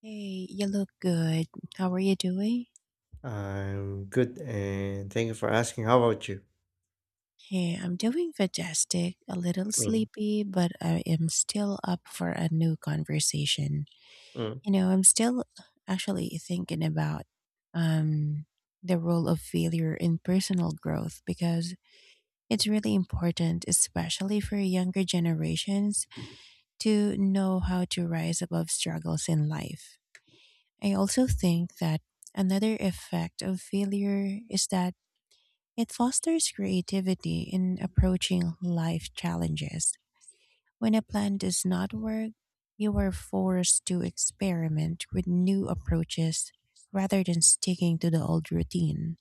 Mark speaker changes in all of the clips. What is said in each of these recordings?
Speaker 1: Hey, you look good. How are you doing?
Speaker 2: I'm good, and thank you for asking. How about you?
Speaker 1: Hey, I'm doing fantastic. A little
Speaker 2: Mm,
Speaker 1: sleepy, but I am still up for a new conversation.
Speaker 2: mm.
Speaker 1: You know, I'm still actually thinking about um the role of failure in personal growth because it's really important, especially for younger generations, to know how to rise above struggles in life. I also think that another effect of failure is that it fosters creativity in approaching life challenges. When a plan does not work, you are forced to experiment with new approaches rather than sticking to the old routine.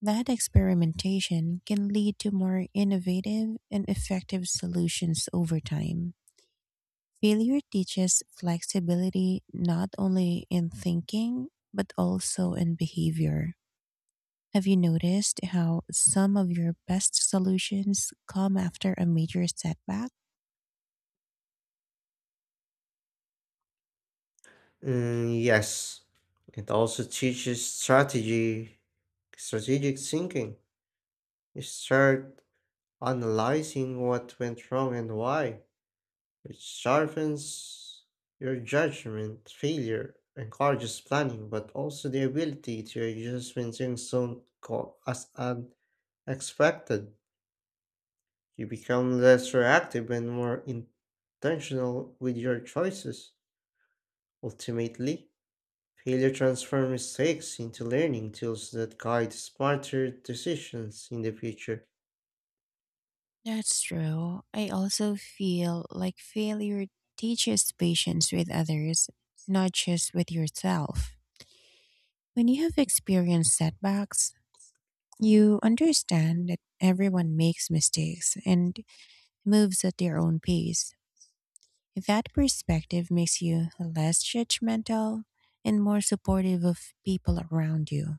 Speaker 1: That experimentation can lead to more innovative and effective solutions over time. Failure teaches flexibility not only in thinking, but also in behavior. Have you noticed how some of your best solutions come after a major setback?
Speaker 2: Mm, yes, it also teaches strategy, strategic thinking. You start analyzing what went wrong and why, which sharpens your judgment. Failure encourages planning, but also the ability to adjust when things don't go as unexpected. You become less reactive and more intentional with your choices. Ultimately, failure transforms mistakes into learning tools that guide smarter decisions in the future.
Speaker 1: That's true. I also feel like failure teaches patience with others, not just with yourself. When you have experienced setbacks, you understand that everyone makes mistakes and moves at their own pace. That perspective makes you less judgmental and more supportive of people around you.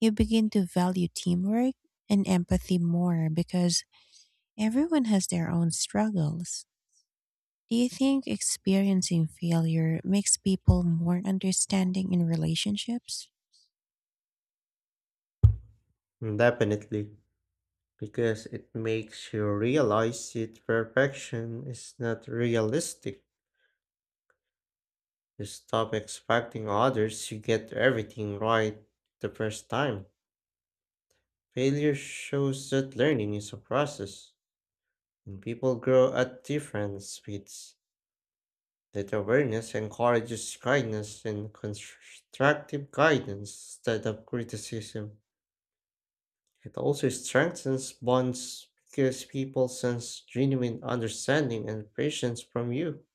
Speaker 1: You begin to value teamwork and empathy more because everyone has their own struggles. Do you think experiencing failure makes people more understanding in relationships?
Speaker 2: Definitely, because it makes you realize that perfection is not realistic. You stop expecting others to get everything right the first time. Failure shows that learning is a process, and people grow at different speeds. That awareness encourages kindness and constructive guidance instead of criticism. It also strengthens bonds because people sense genuine understanding and patience from you.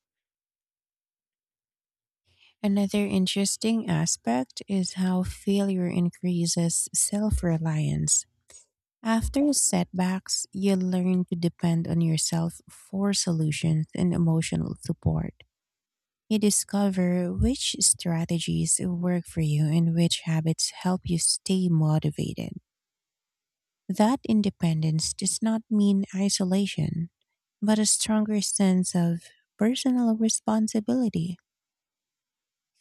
Speaker 1: Another interesting aspect is how failure increases self reliance. After setbacks, you learn to depend on yourself for solutions and emotional support. You discover which strategies work for you and which habits help you stay motivated. That independence does not mean isolation, but a stronger sense of personal responsibility.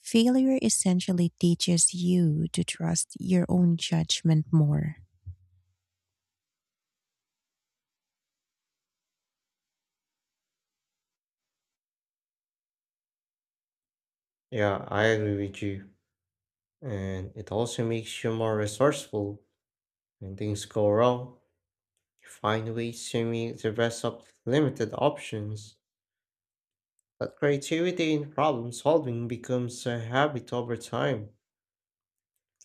Speaker 1: Failure essentially teaches you to trust your own judgment more.
Speaker 2: Yeah, I agree with you. And it also makes you more resourceful when things go wrong. You find ways to make the best of limited options. But creativity in problem solving becomes a habit over time.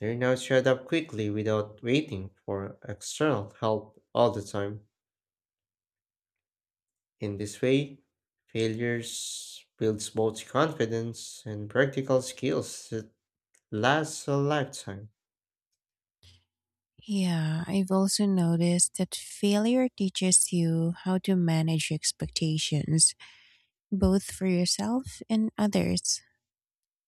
Speaker 2: They now showed up quickly without waiting for external help all the time. In this way, failures builds both confidence and practical skills that last a lifetime.
Speaker 1: Yeah, I've also noticed that failure teaches you how to manage expectations, both for yourself and others.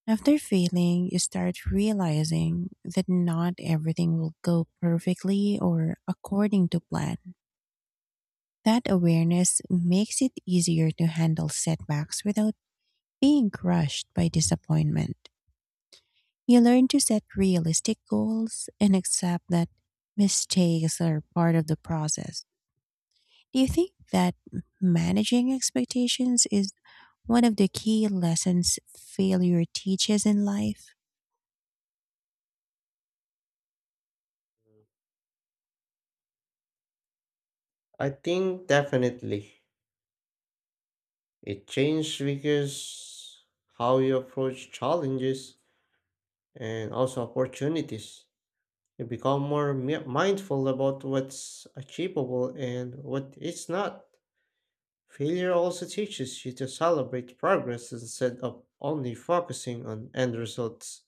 Speaker 1: After failing, you start realizing that not everything will go perfectly or according to plan. That awareness makes it easier to handle setbacks without being crushed by disappointment. You learn to set realistic goals and accept that mistakes are part of the process. Do you think that managing expectations is one of the key lessons failure teaches in life?
Speaker 2: I think definitely it changed because how you approach challenges and also opportunities. You become more mindful about what's achievable and what is not. Failure also teaches you to celebrate progress instead of only focusing on end results.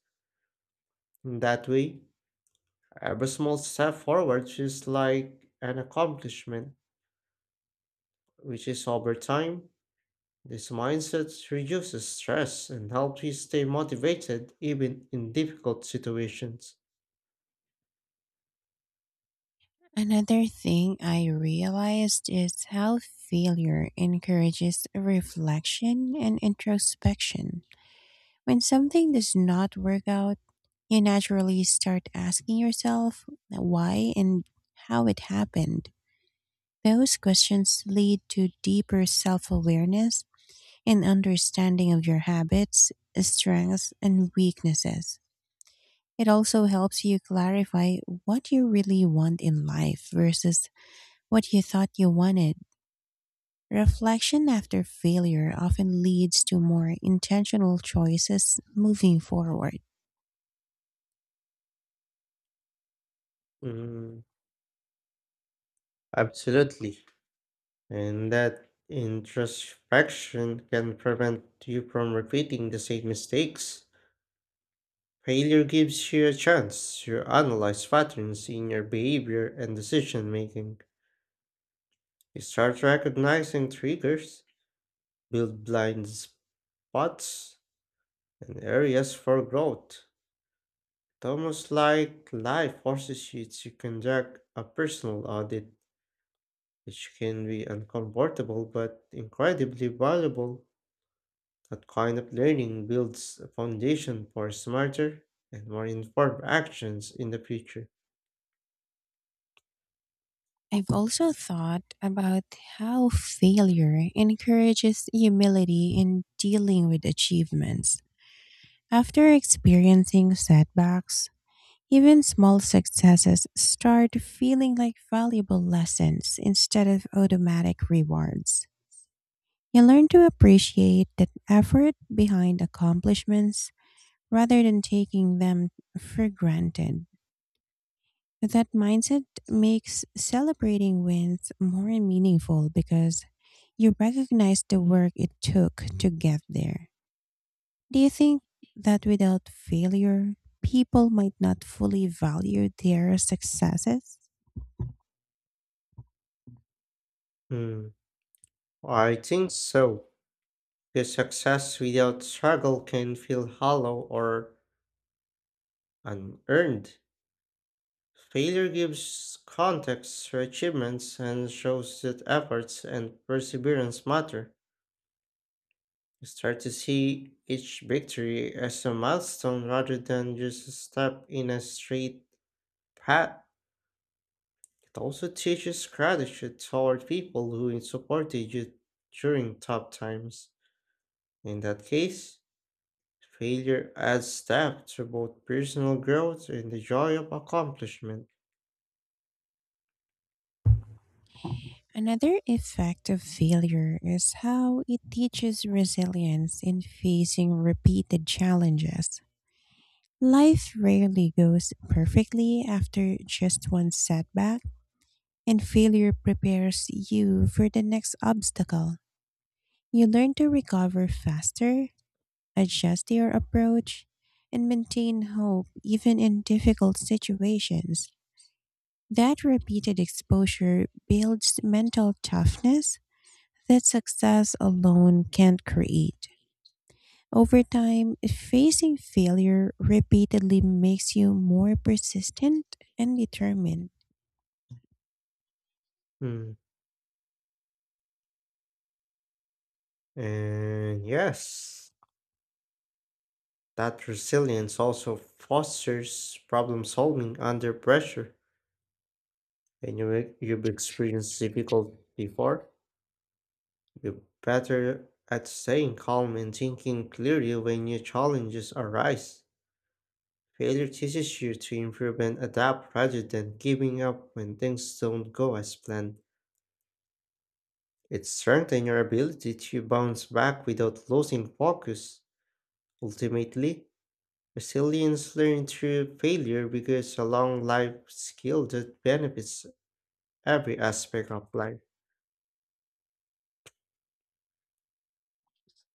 Speaker 2: In that way, every small step forward feels like an accomplishment, which is over time. This mindset reduces stress and helps you stay motivated even in difficult situations.
Speaker 1: Another thing I realized is how failure encourages reflection and introspection. When something does not work out, you naturally start asking yourself why and how it happened. Those questions lead to deeper self awareness and understanding of your habits, strengths, and weaknesses. It also helps you clarify what you really want in life versus what you thought you wanted. Reflection after failure often leads to more intentional choices moving forward.
Speaker 2: Mm, absolutely. And that introspection can prevent you from repeating the same mistakes. Failure gives you a chance to analyze patterns in your behavior and decision making. You start recognizing triggers, build blind spots, and areas for growth. It's almost like life forces you to conduct a personal audit, which can be uncomfortable but incredibly valuable. That kind of learning builds a foundation for smarter and more informed actions in the future.
Speaker 1: I've also thought about how failure encourages humility in dealing with achievements. After experiencing setbacks, even small successes start feeling like valuable lessons instead of automatic rewards. You learn to appreciate that effort behind accomplishments rather than taking them for granted. That mindset makes celebrating wins more meaningful because you recognize the work it took to get there. Do you think that without failure, people might not fully value their successes?
Speaker 2: Hmm, I think so. Because success without struggle can feel hollow or unearned. Failure gives context to achievements and shows that efforts and perseverance matter. You start to see each victory as a milestone rather than just a step in a straight path. It also teaches gratitude toward people who supported you during tough times. In that case, failure adds step to both personal growth and the joy of accomplishment.
Speaker 1: Another effect of failure is how it teaches resilience in facing repeated challenges. Life rarely goes perfectly after just one setback, and failure prepares you for the next obstacle. You learn to recover faster, adjust your approach, and maintain hope even in difficult situations. That repeated exposure builds mental toughness that success alone can't create. Over time, facing failure repeatedly makes you more persistent and determined.
Speaker 2: Hmm. And yes, that resilience also fosters problem solving under pressure. You've experienced difficulty before, you're better at staying calm and thinking clearly when new challenges arise. Failure teaches you to improve and adapt rather than giving up when things don't go as planned. It strengthens your ability to bounce back without losing focus. Ultimately, resilience learned through failure becomes a long life skill that benefits every aspect of life.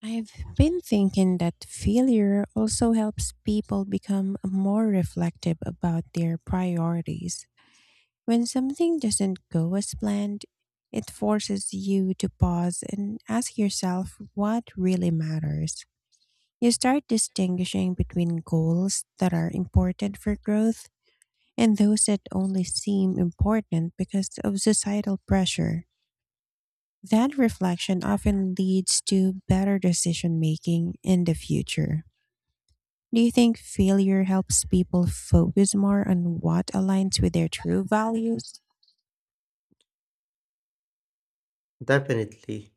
Speaker 1: I've been thinking that failure also helps people become more reflective about their priorities. When something doesn't go as planned, it forces you to pause and ask yourself what really matters. You start distinguishing between goals that are important for growth and those that only seem important because of societal pressure. That reflection often leads to better decision making in the future. Do you think failure helps people focus more on what aligns with their true values?
Speaker 2: Definitely,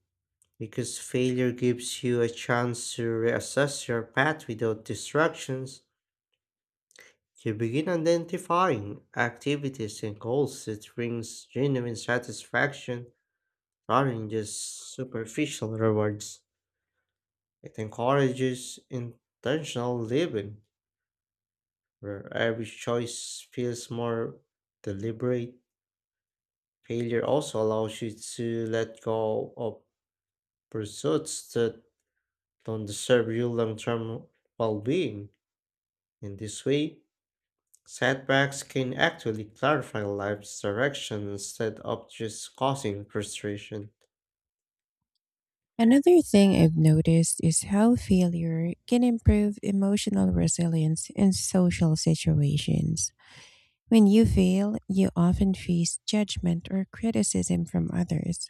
Speaker 2: because failure gives you a chance to reassess your path without distractions. You begin identifying activities and goals that brings genuine satisfaction rather than just superficial rewards. It encourages intentional living, where every choice feels more deliberate. Failure also allows you to let go of pursuits that don't serve your long term well being. In this way, setbacks can actually clarify life's direction instead of just causing frustration.
Speaker 1: Another thing I've noticed is how failure can improve emotional resilience in social situations. When you fail, you often face judgment or criticism from others,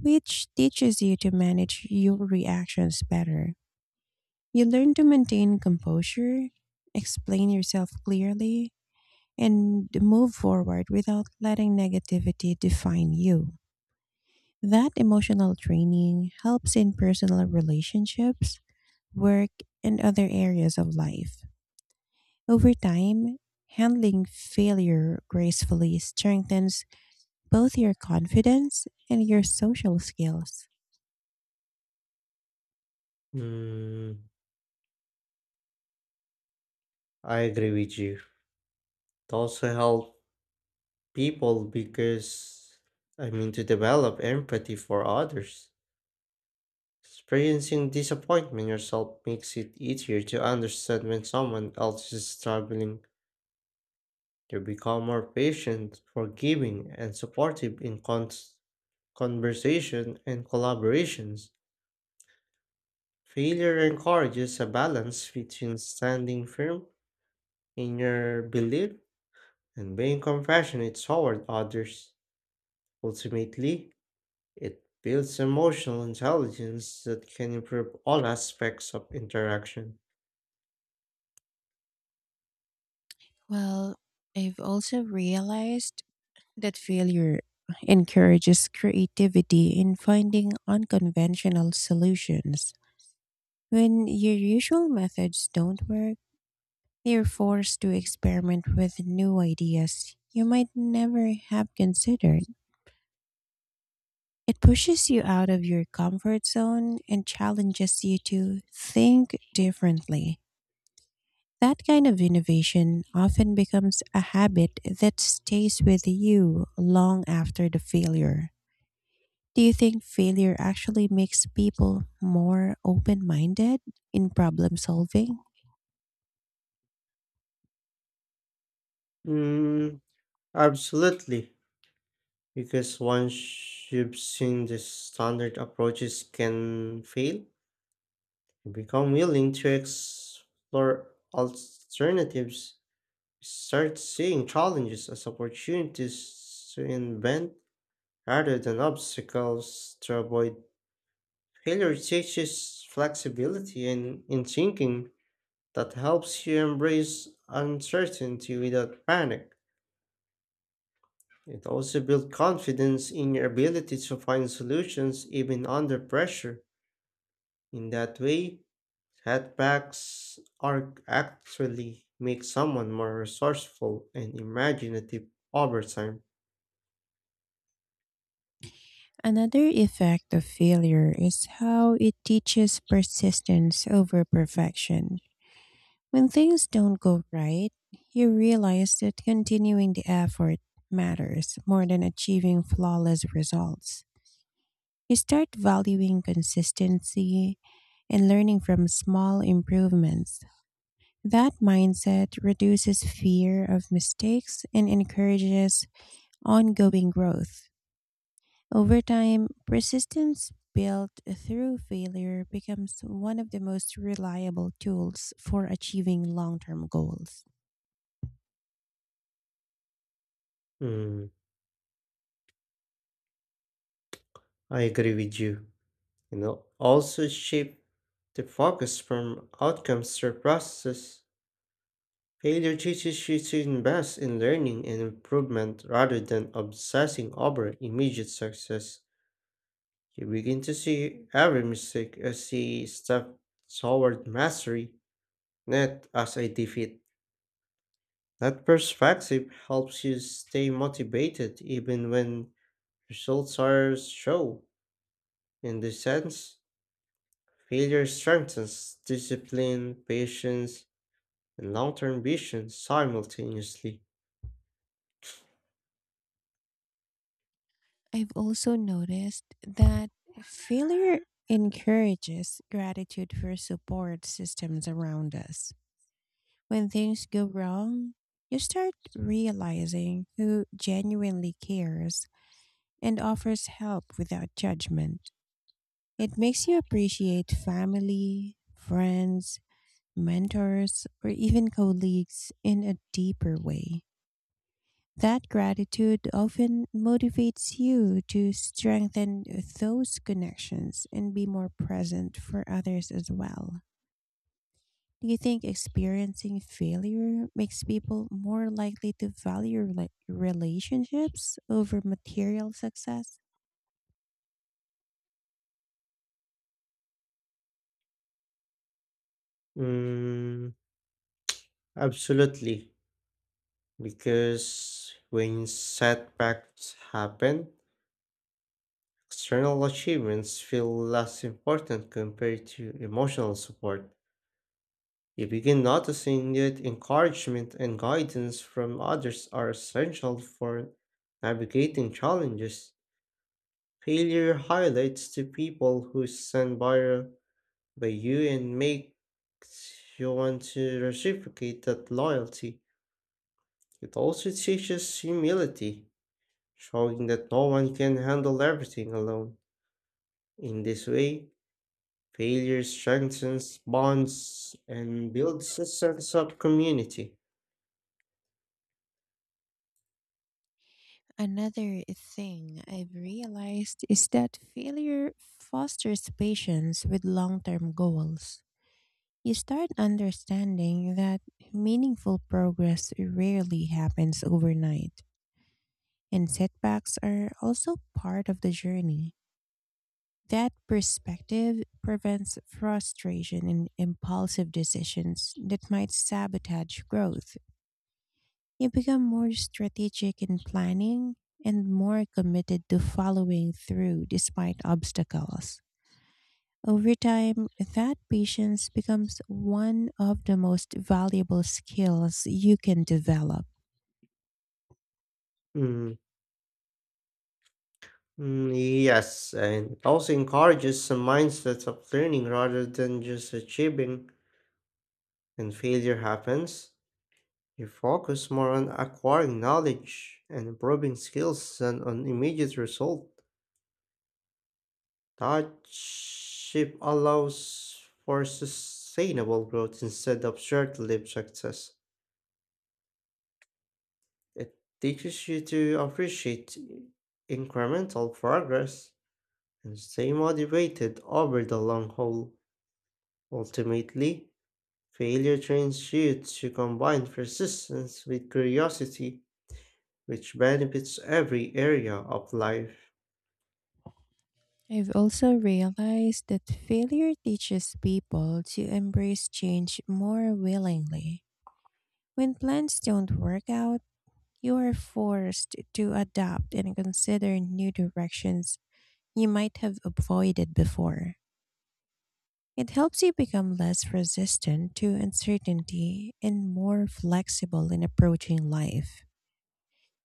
Speaker 1: which teaches you to manage your reactions better. You learn to maintain composure, explain yourself clearly, and move forward without letting negativity define you. That emotional training helps in personal relationships, work, and other areas of life. Over time, handling failure gracefully strengthens both your confidence and your social skills.
Speaker 2: Mm, I agree with you. It also helps people because to develop empathy for others. Experiencing disappointment yourself makes it easier to understand when someone else is struggling. You become more patient, forgiving, and supportive in conversation and collaborations. Failure encourages a balance between standing firm in your belief and being compassionate toward others. Ultimately, it builds emotional intelligence that can improve all aspects of interaction.
Speaker 1: Well, I've also realized that failure encourages creativity in finding unconventional solutions. When your usual methods don't work, you're forced to experiment with new ideas you might never have considered. It pushes you out of your comfort zone and challenges you to think differently. That kind of innovation often becomes a habit that stays with you long after the failure. Do you think failure actually makes people more open minded in problem solving?
Speaker 2: Mm, absolutely, because once you've seen the standard approaches can fail, you become willing to explore alternatives, start seeing challenges as opportunities to invent rather than obstacles to avoid. Failure teaches flexibility in thinking. That helps you embrace uncertainty without panic. It also builds confidence in your ability to find solutions even under pressure. In that way, setbacks are actually make someone more resourceful and imaginative over time.
Speaker 1: Another effect of failure is how it teaches persistence over perfection. When things don't go right, you realize that continuing the effort matters more than achieving flawless results. You start valuing consistency and learning from small improvements. That mindset reduces fear of mistakes and encourages ongoing growth. Over time, persistence built through failure becomes one of the most reliable tools for achieving long term goals.
Speaker 2: Mm, I agree with you. You know, also shape the focus from outcomes to process. Failure teaches you to invest in learning and improvement rather than obsessing over immediate success. You begin to see every mistake as a step toward mastery, not as a defeat. That perspective helps you stay motivated even when results are slow. In this sense, failure strengthens discipline, patience, and long term vision simultaneously.
Speaker 1: I've also noticed that failure encourages gratitude for support systems around us. When things go wrong, you start realizing who genuinely cares and offers help without judgment. It makes you appreciate family, friends, mentors, or even colleagues in a deeper way. That gratitude often motivates you to strengthen those connections and be more present for others as well. Do you think experiencing failure makes people more likely to value relationships over material success?
Speaker 2: Mm, absolutely. Because when setbacks happen, external achievements feel less important compared to emotional support. You begin noticing that encouragement and guidance from others are essential for navigating challenges. Failure highlights the people who by you and makes you want to reciprocate that loyalty. It also teaches humility, showing that no one can handle everything alone. In this way, failure strengthens bonds and builds a sense of community.
Speaker 1: Another thing I've realized is that failure fosters patience with long term goals. You start understanding that meaningful progress rarely happens overnight, and setbacks are also part of the journey. That perspective prevents frustration and impulsive decisions that might sabotage growth. You become more strategic in planning and more committed to following through despite obstacles. Over time, that patience becomes one of the most valuable skills you can develop.
Speaker 2: Mm, mm, yes, and it also encourages a mindset of learning rather than just achieving. When failure happens, you focus more on acquiring knowledge and improving skills than on immediate result. Hardship allows for sustainable growth instead of short lived success. It teaches you to appreciate incremental progress and stay motivated over the long haul. Ultimately, failure trains you to combine persistence with curiosity, which benefits every area of life.
Speaker 1: I've also realized that failure teaches people to embrace change more willingly. When plans don't work out, you are forced to adapt and consider new directions you might have avoided before. It helps you become less resistant to uncertainty and more flexible in approaching life.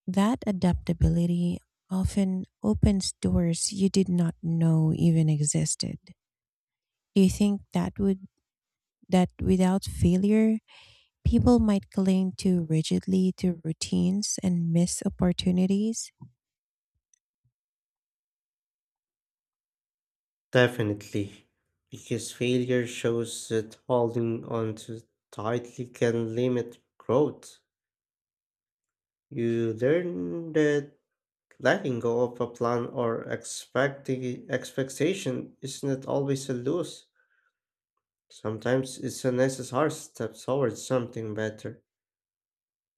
Speaker 1: That adaptability often opens doors you did not know even existed. Do you think that without failure, people might cling too rigidly to routines and miss opportunities.
Speaker 2: Definitely, because failure shows that holding on to tightly can limit growth. You learn that letting go of a plan or expecting expectation is not always a loss. Sometimes it's a necessary step towards something better.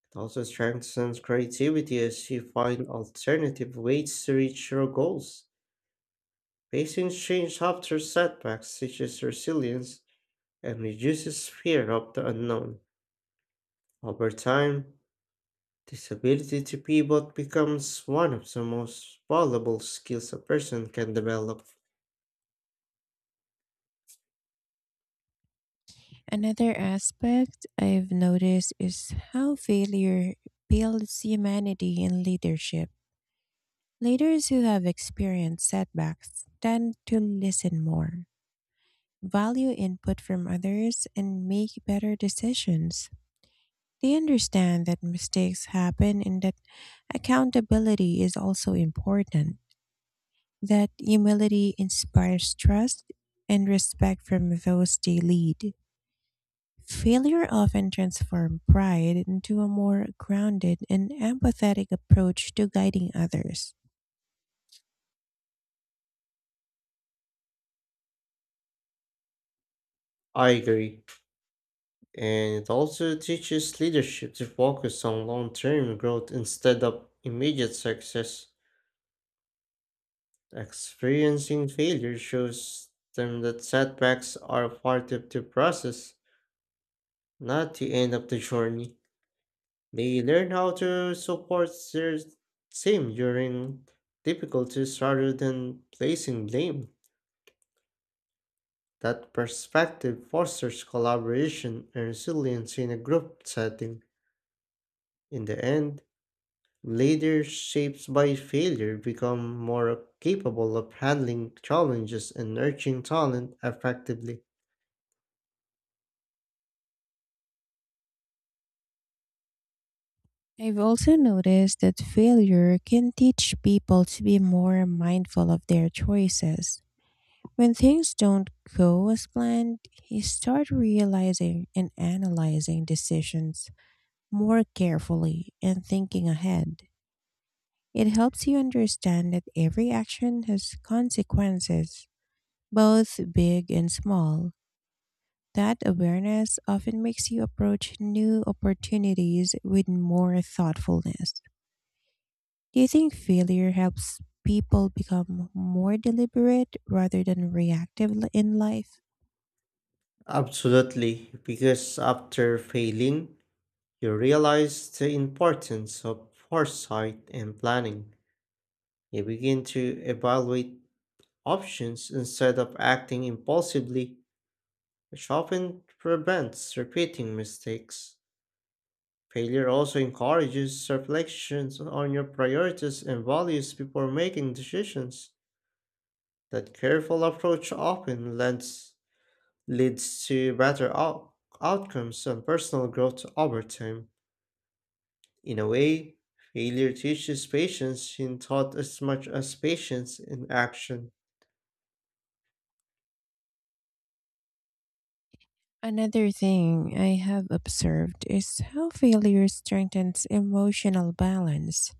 Speaker 2: It also strengthens creativity as you find alternative ways to reach your goals. Facing change after setbacks teaches resilience and reduces fear of the unknown. Over time, this ability to pivot becomes one of the most valuable skills a person can develop.
Speaker 1: Another aspect I've noticed is how failure builds humanity in leadership. Leaders who have experienced setbacks tend to listen more, value input from others, and make better decisions. They understand that mistakes happen and that accountability is also important, that humility inspires trust and respect from those they lead. Failure often transforms pride into a more grounded and empathetic approach to guiding others.
Speaker 2: I agree. And it also teaches leadership to focus on long term growth instead of immediate success. Experiencing failure shows them that setbacks are part of the process, not the end of the journey. They learn how to support their team during difficulties rather than placing blame. That perspective fosters collaboration and resilience in a group setting. In the end, leaders shaped by failure become more capable of handling challenges and nurturing talent effectively.
Speaker 1: I've also noticed that failure can teach people to be more mindful of their choices. When things don't go as planned, you start realizing and analyzing decisions more carefully and thinking ahead. It helps you understand that every action has consequences, both big and small. That awareness often makes you approach new opportunities with more thoughtfulness. Do you think failure helps people become more deliberate rather than reactive in life?
Speaker 2: Absolutely, because after failing, you realize the importance of foresight and planning. You begin to evaluate options instead of acting impulsively, which often prevents repeating mistakes. Failure also encourages reflections on your priorities and values before making decisions. That careful approach often leads to better outcomes and personal growth over time. In a way, failure teaches patience in thought as much as patience in action.
Speaker 1: Another thing I have observed is how failure strengthens emotional balance.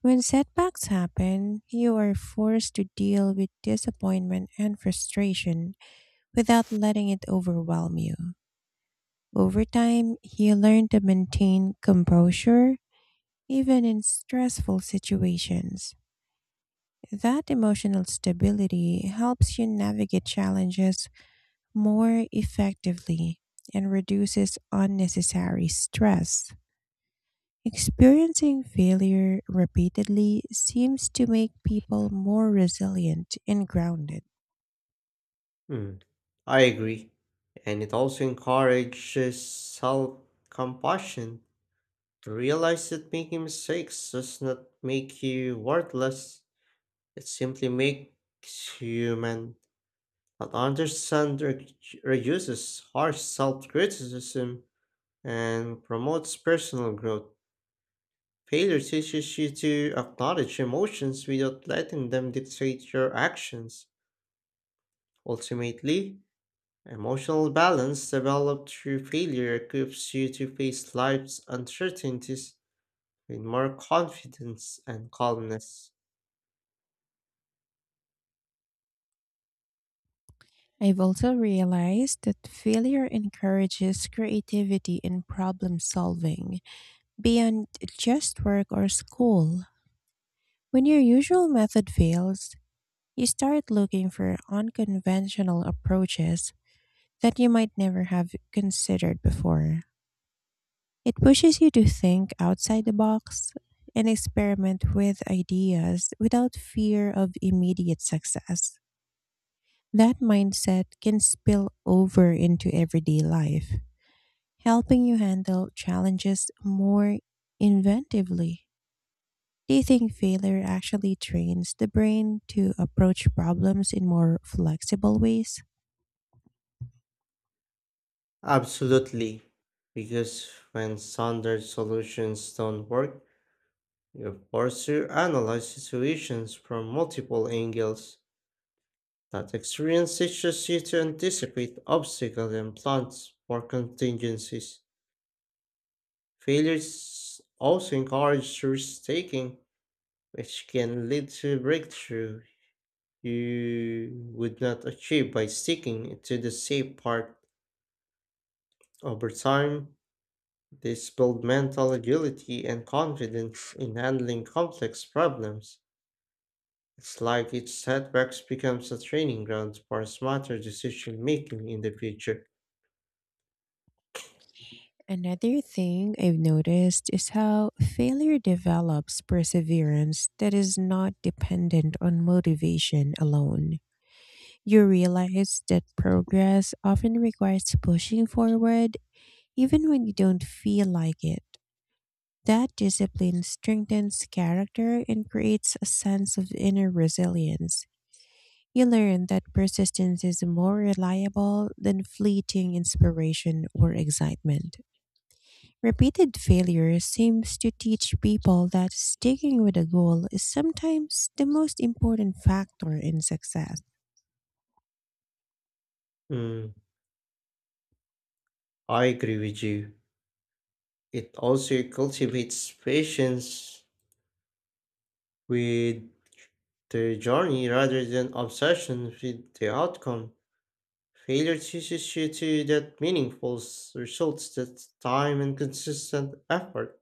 Speaker 1: When setbacks happen, you are forced to deal with disappointment and frustration without letting it overwhelm you. Over time, you learn to maintain composure even in stressful situations. That emotional stability helps you navigate challenges more effectively and reduces unnecessary stress. Experiencing failure repeatedly seems to make people more resilient and grounded.
Speaker 2: Hmm, I agree. And it also encourages self compassion to realize that making mistakes does not make you worthless. It simply makes you human. But understand reduces harsh self criticism and promotes personal growth. Failure teaches you to acknowledge emotions without letting them dictate your actions. Ultimately, emotional balance developed through failure equips you to face life's uncertainties with more confidence and calmness.
Speaker 1: I've also realized that failure encourages creativity and problem solving beyond just work or school. When your usual method fails, you start looking for unconventional approaches that you might never have considered before. It pushes you to think outside the box and experiment with ideas without fear of immediate success. That mindset can spill over into everyday life, helping you handle challenges more inventively. Do you think failure actually trains the brain to approach problems in more flexible ways?
Speaker 2: Absolutely. Because when standard solutions don't work, you're forced to analyze situations from multiple angles. That experience teaches you to anticipate obstacles and plans for contingencies. Failures also encourage risk taking, which can lead to breakthrough you would not achieve by sticking to the safe part over time. This builds mental agility and confidence in handling complex problems. It's like each setbacks becomes a training ground for smarter decision making in the future.
Speaker 1: Another thing I've noticed is how failure develops perseverance that is not dependent on motivation alone. You realize that progress often requires pushing forward even when you don't feel like it. That discipline strengthens character and creates a sense of inner resilience. You learn that persistence is more reliable than fleeting inspiration or excitement. Repeated failure seems to teach people that sticking with a goal is sometimes the most important factor in success.
Speaker 2: Mm, I agree with you. It also cultivates patience with the journey rather than obsession with the outcome. Failure teaches you to that meaningful results that time and consistent effort.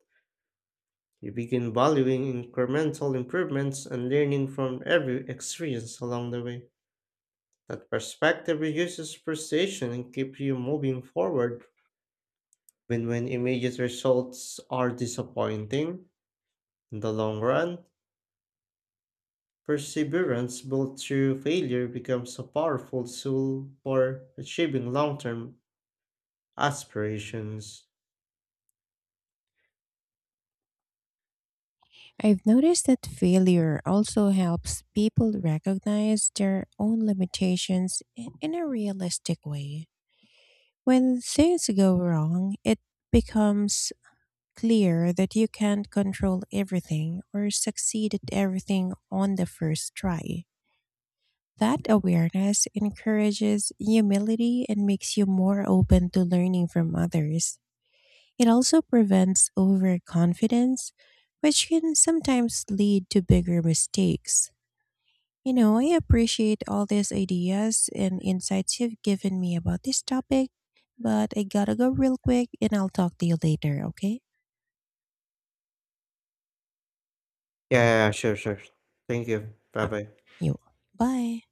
Speaker 2: You begin valuing incremental improvements and learning from every experience along the way. That perspective reduces frustration and keeps you moving forward when immediate results are disappointing, in the long run. Perseverance built through failure becomes a powerful tool for achieving long-term aspirations.
Speaker 1: I've noticed that failure also helps people recognize their own limitations in a realistic way. When things go wrong, it becomes clear that you can't control everything or succeed at everything on the first try. That awareness encourages humility and makes you more open to learning from others. It also prevents overconfidence, which can sometimes lead to bigger mistakes. You know, I appreciate all these ideas and insights you've given me about this topic, but I gotta go real quick and I'll talk to you later, okay?
Speaker 2: Yeah, yeah, yeah, sure, sure. Thank you. Bye
Speaker 1: Uh,
Speaker 2: bye.
Speaker 1: You. Bye.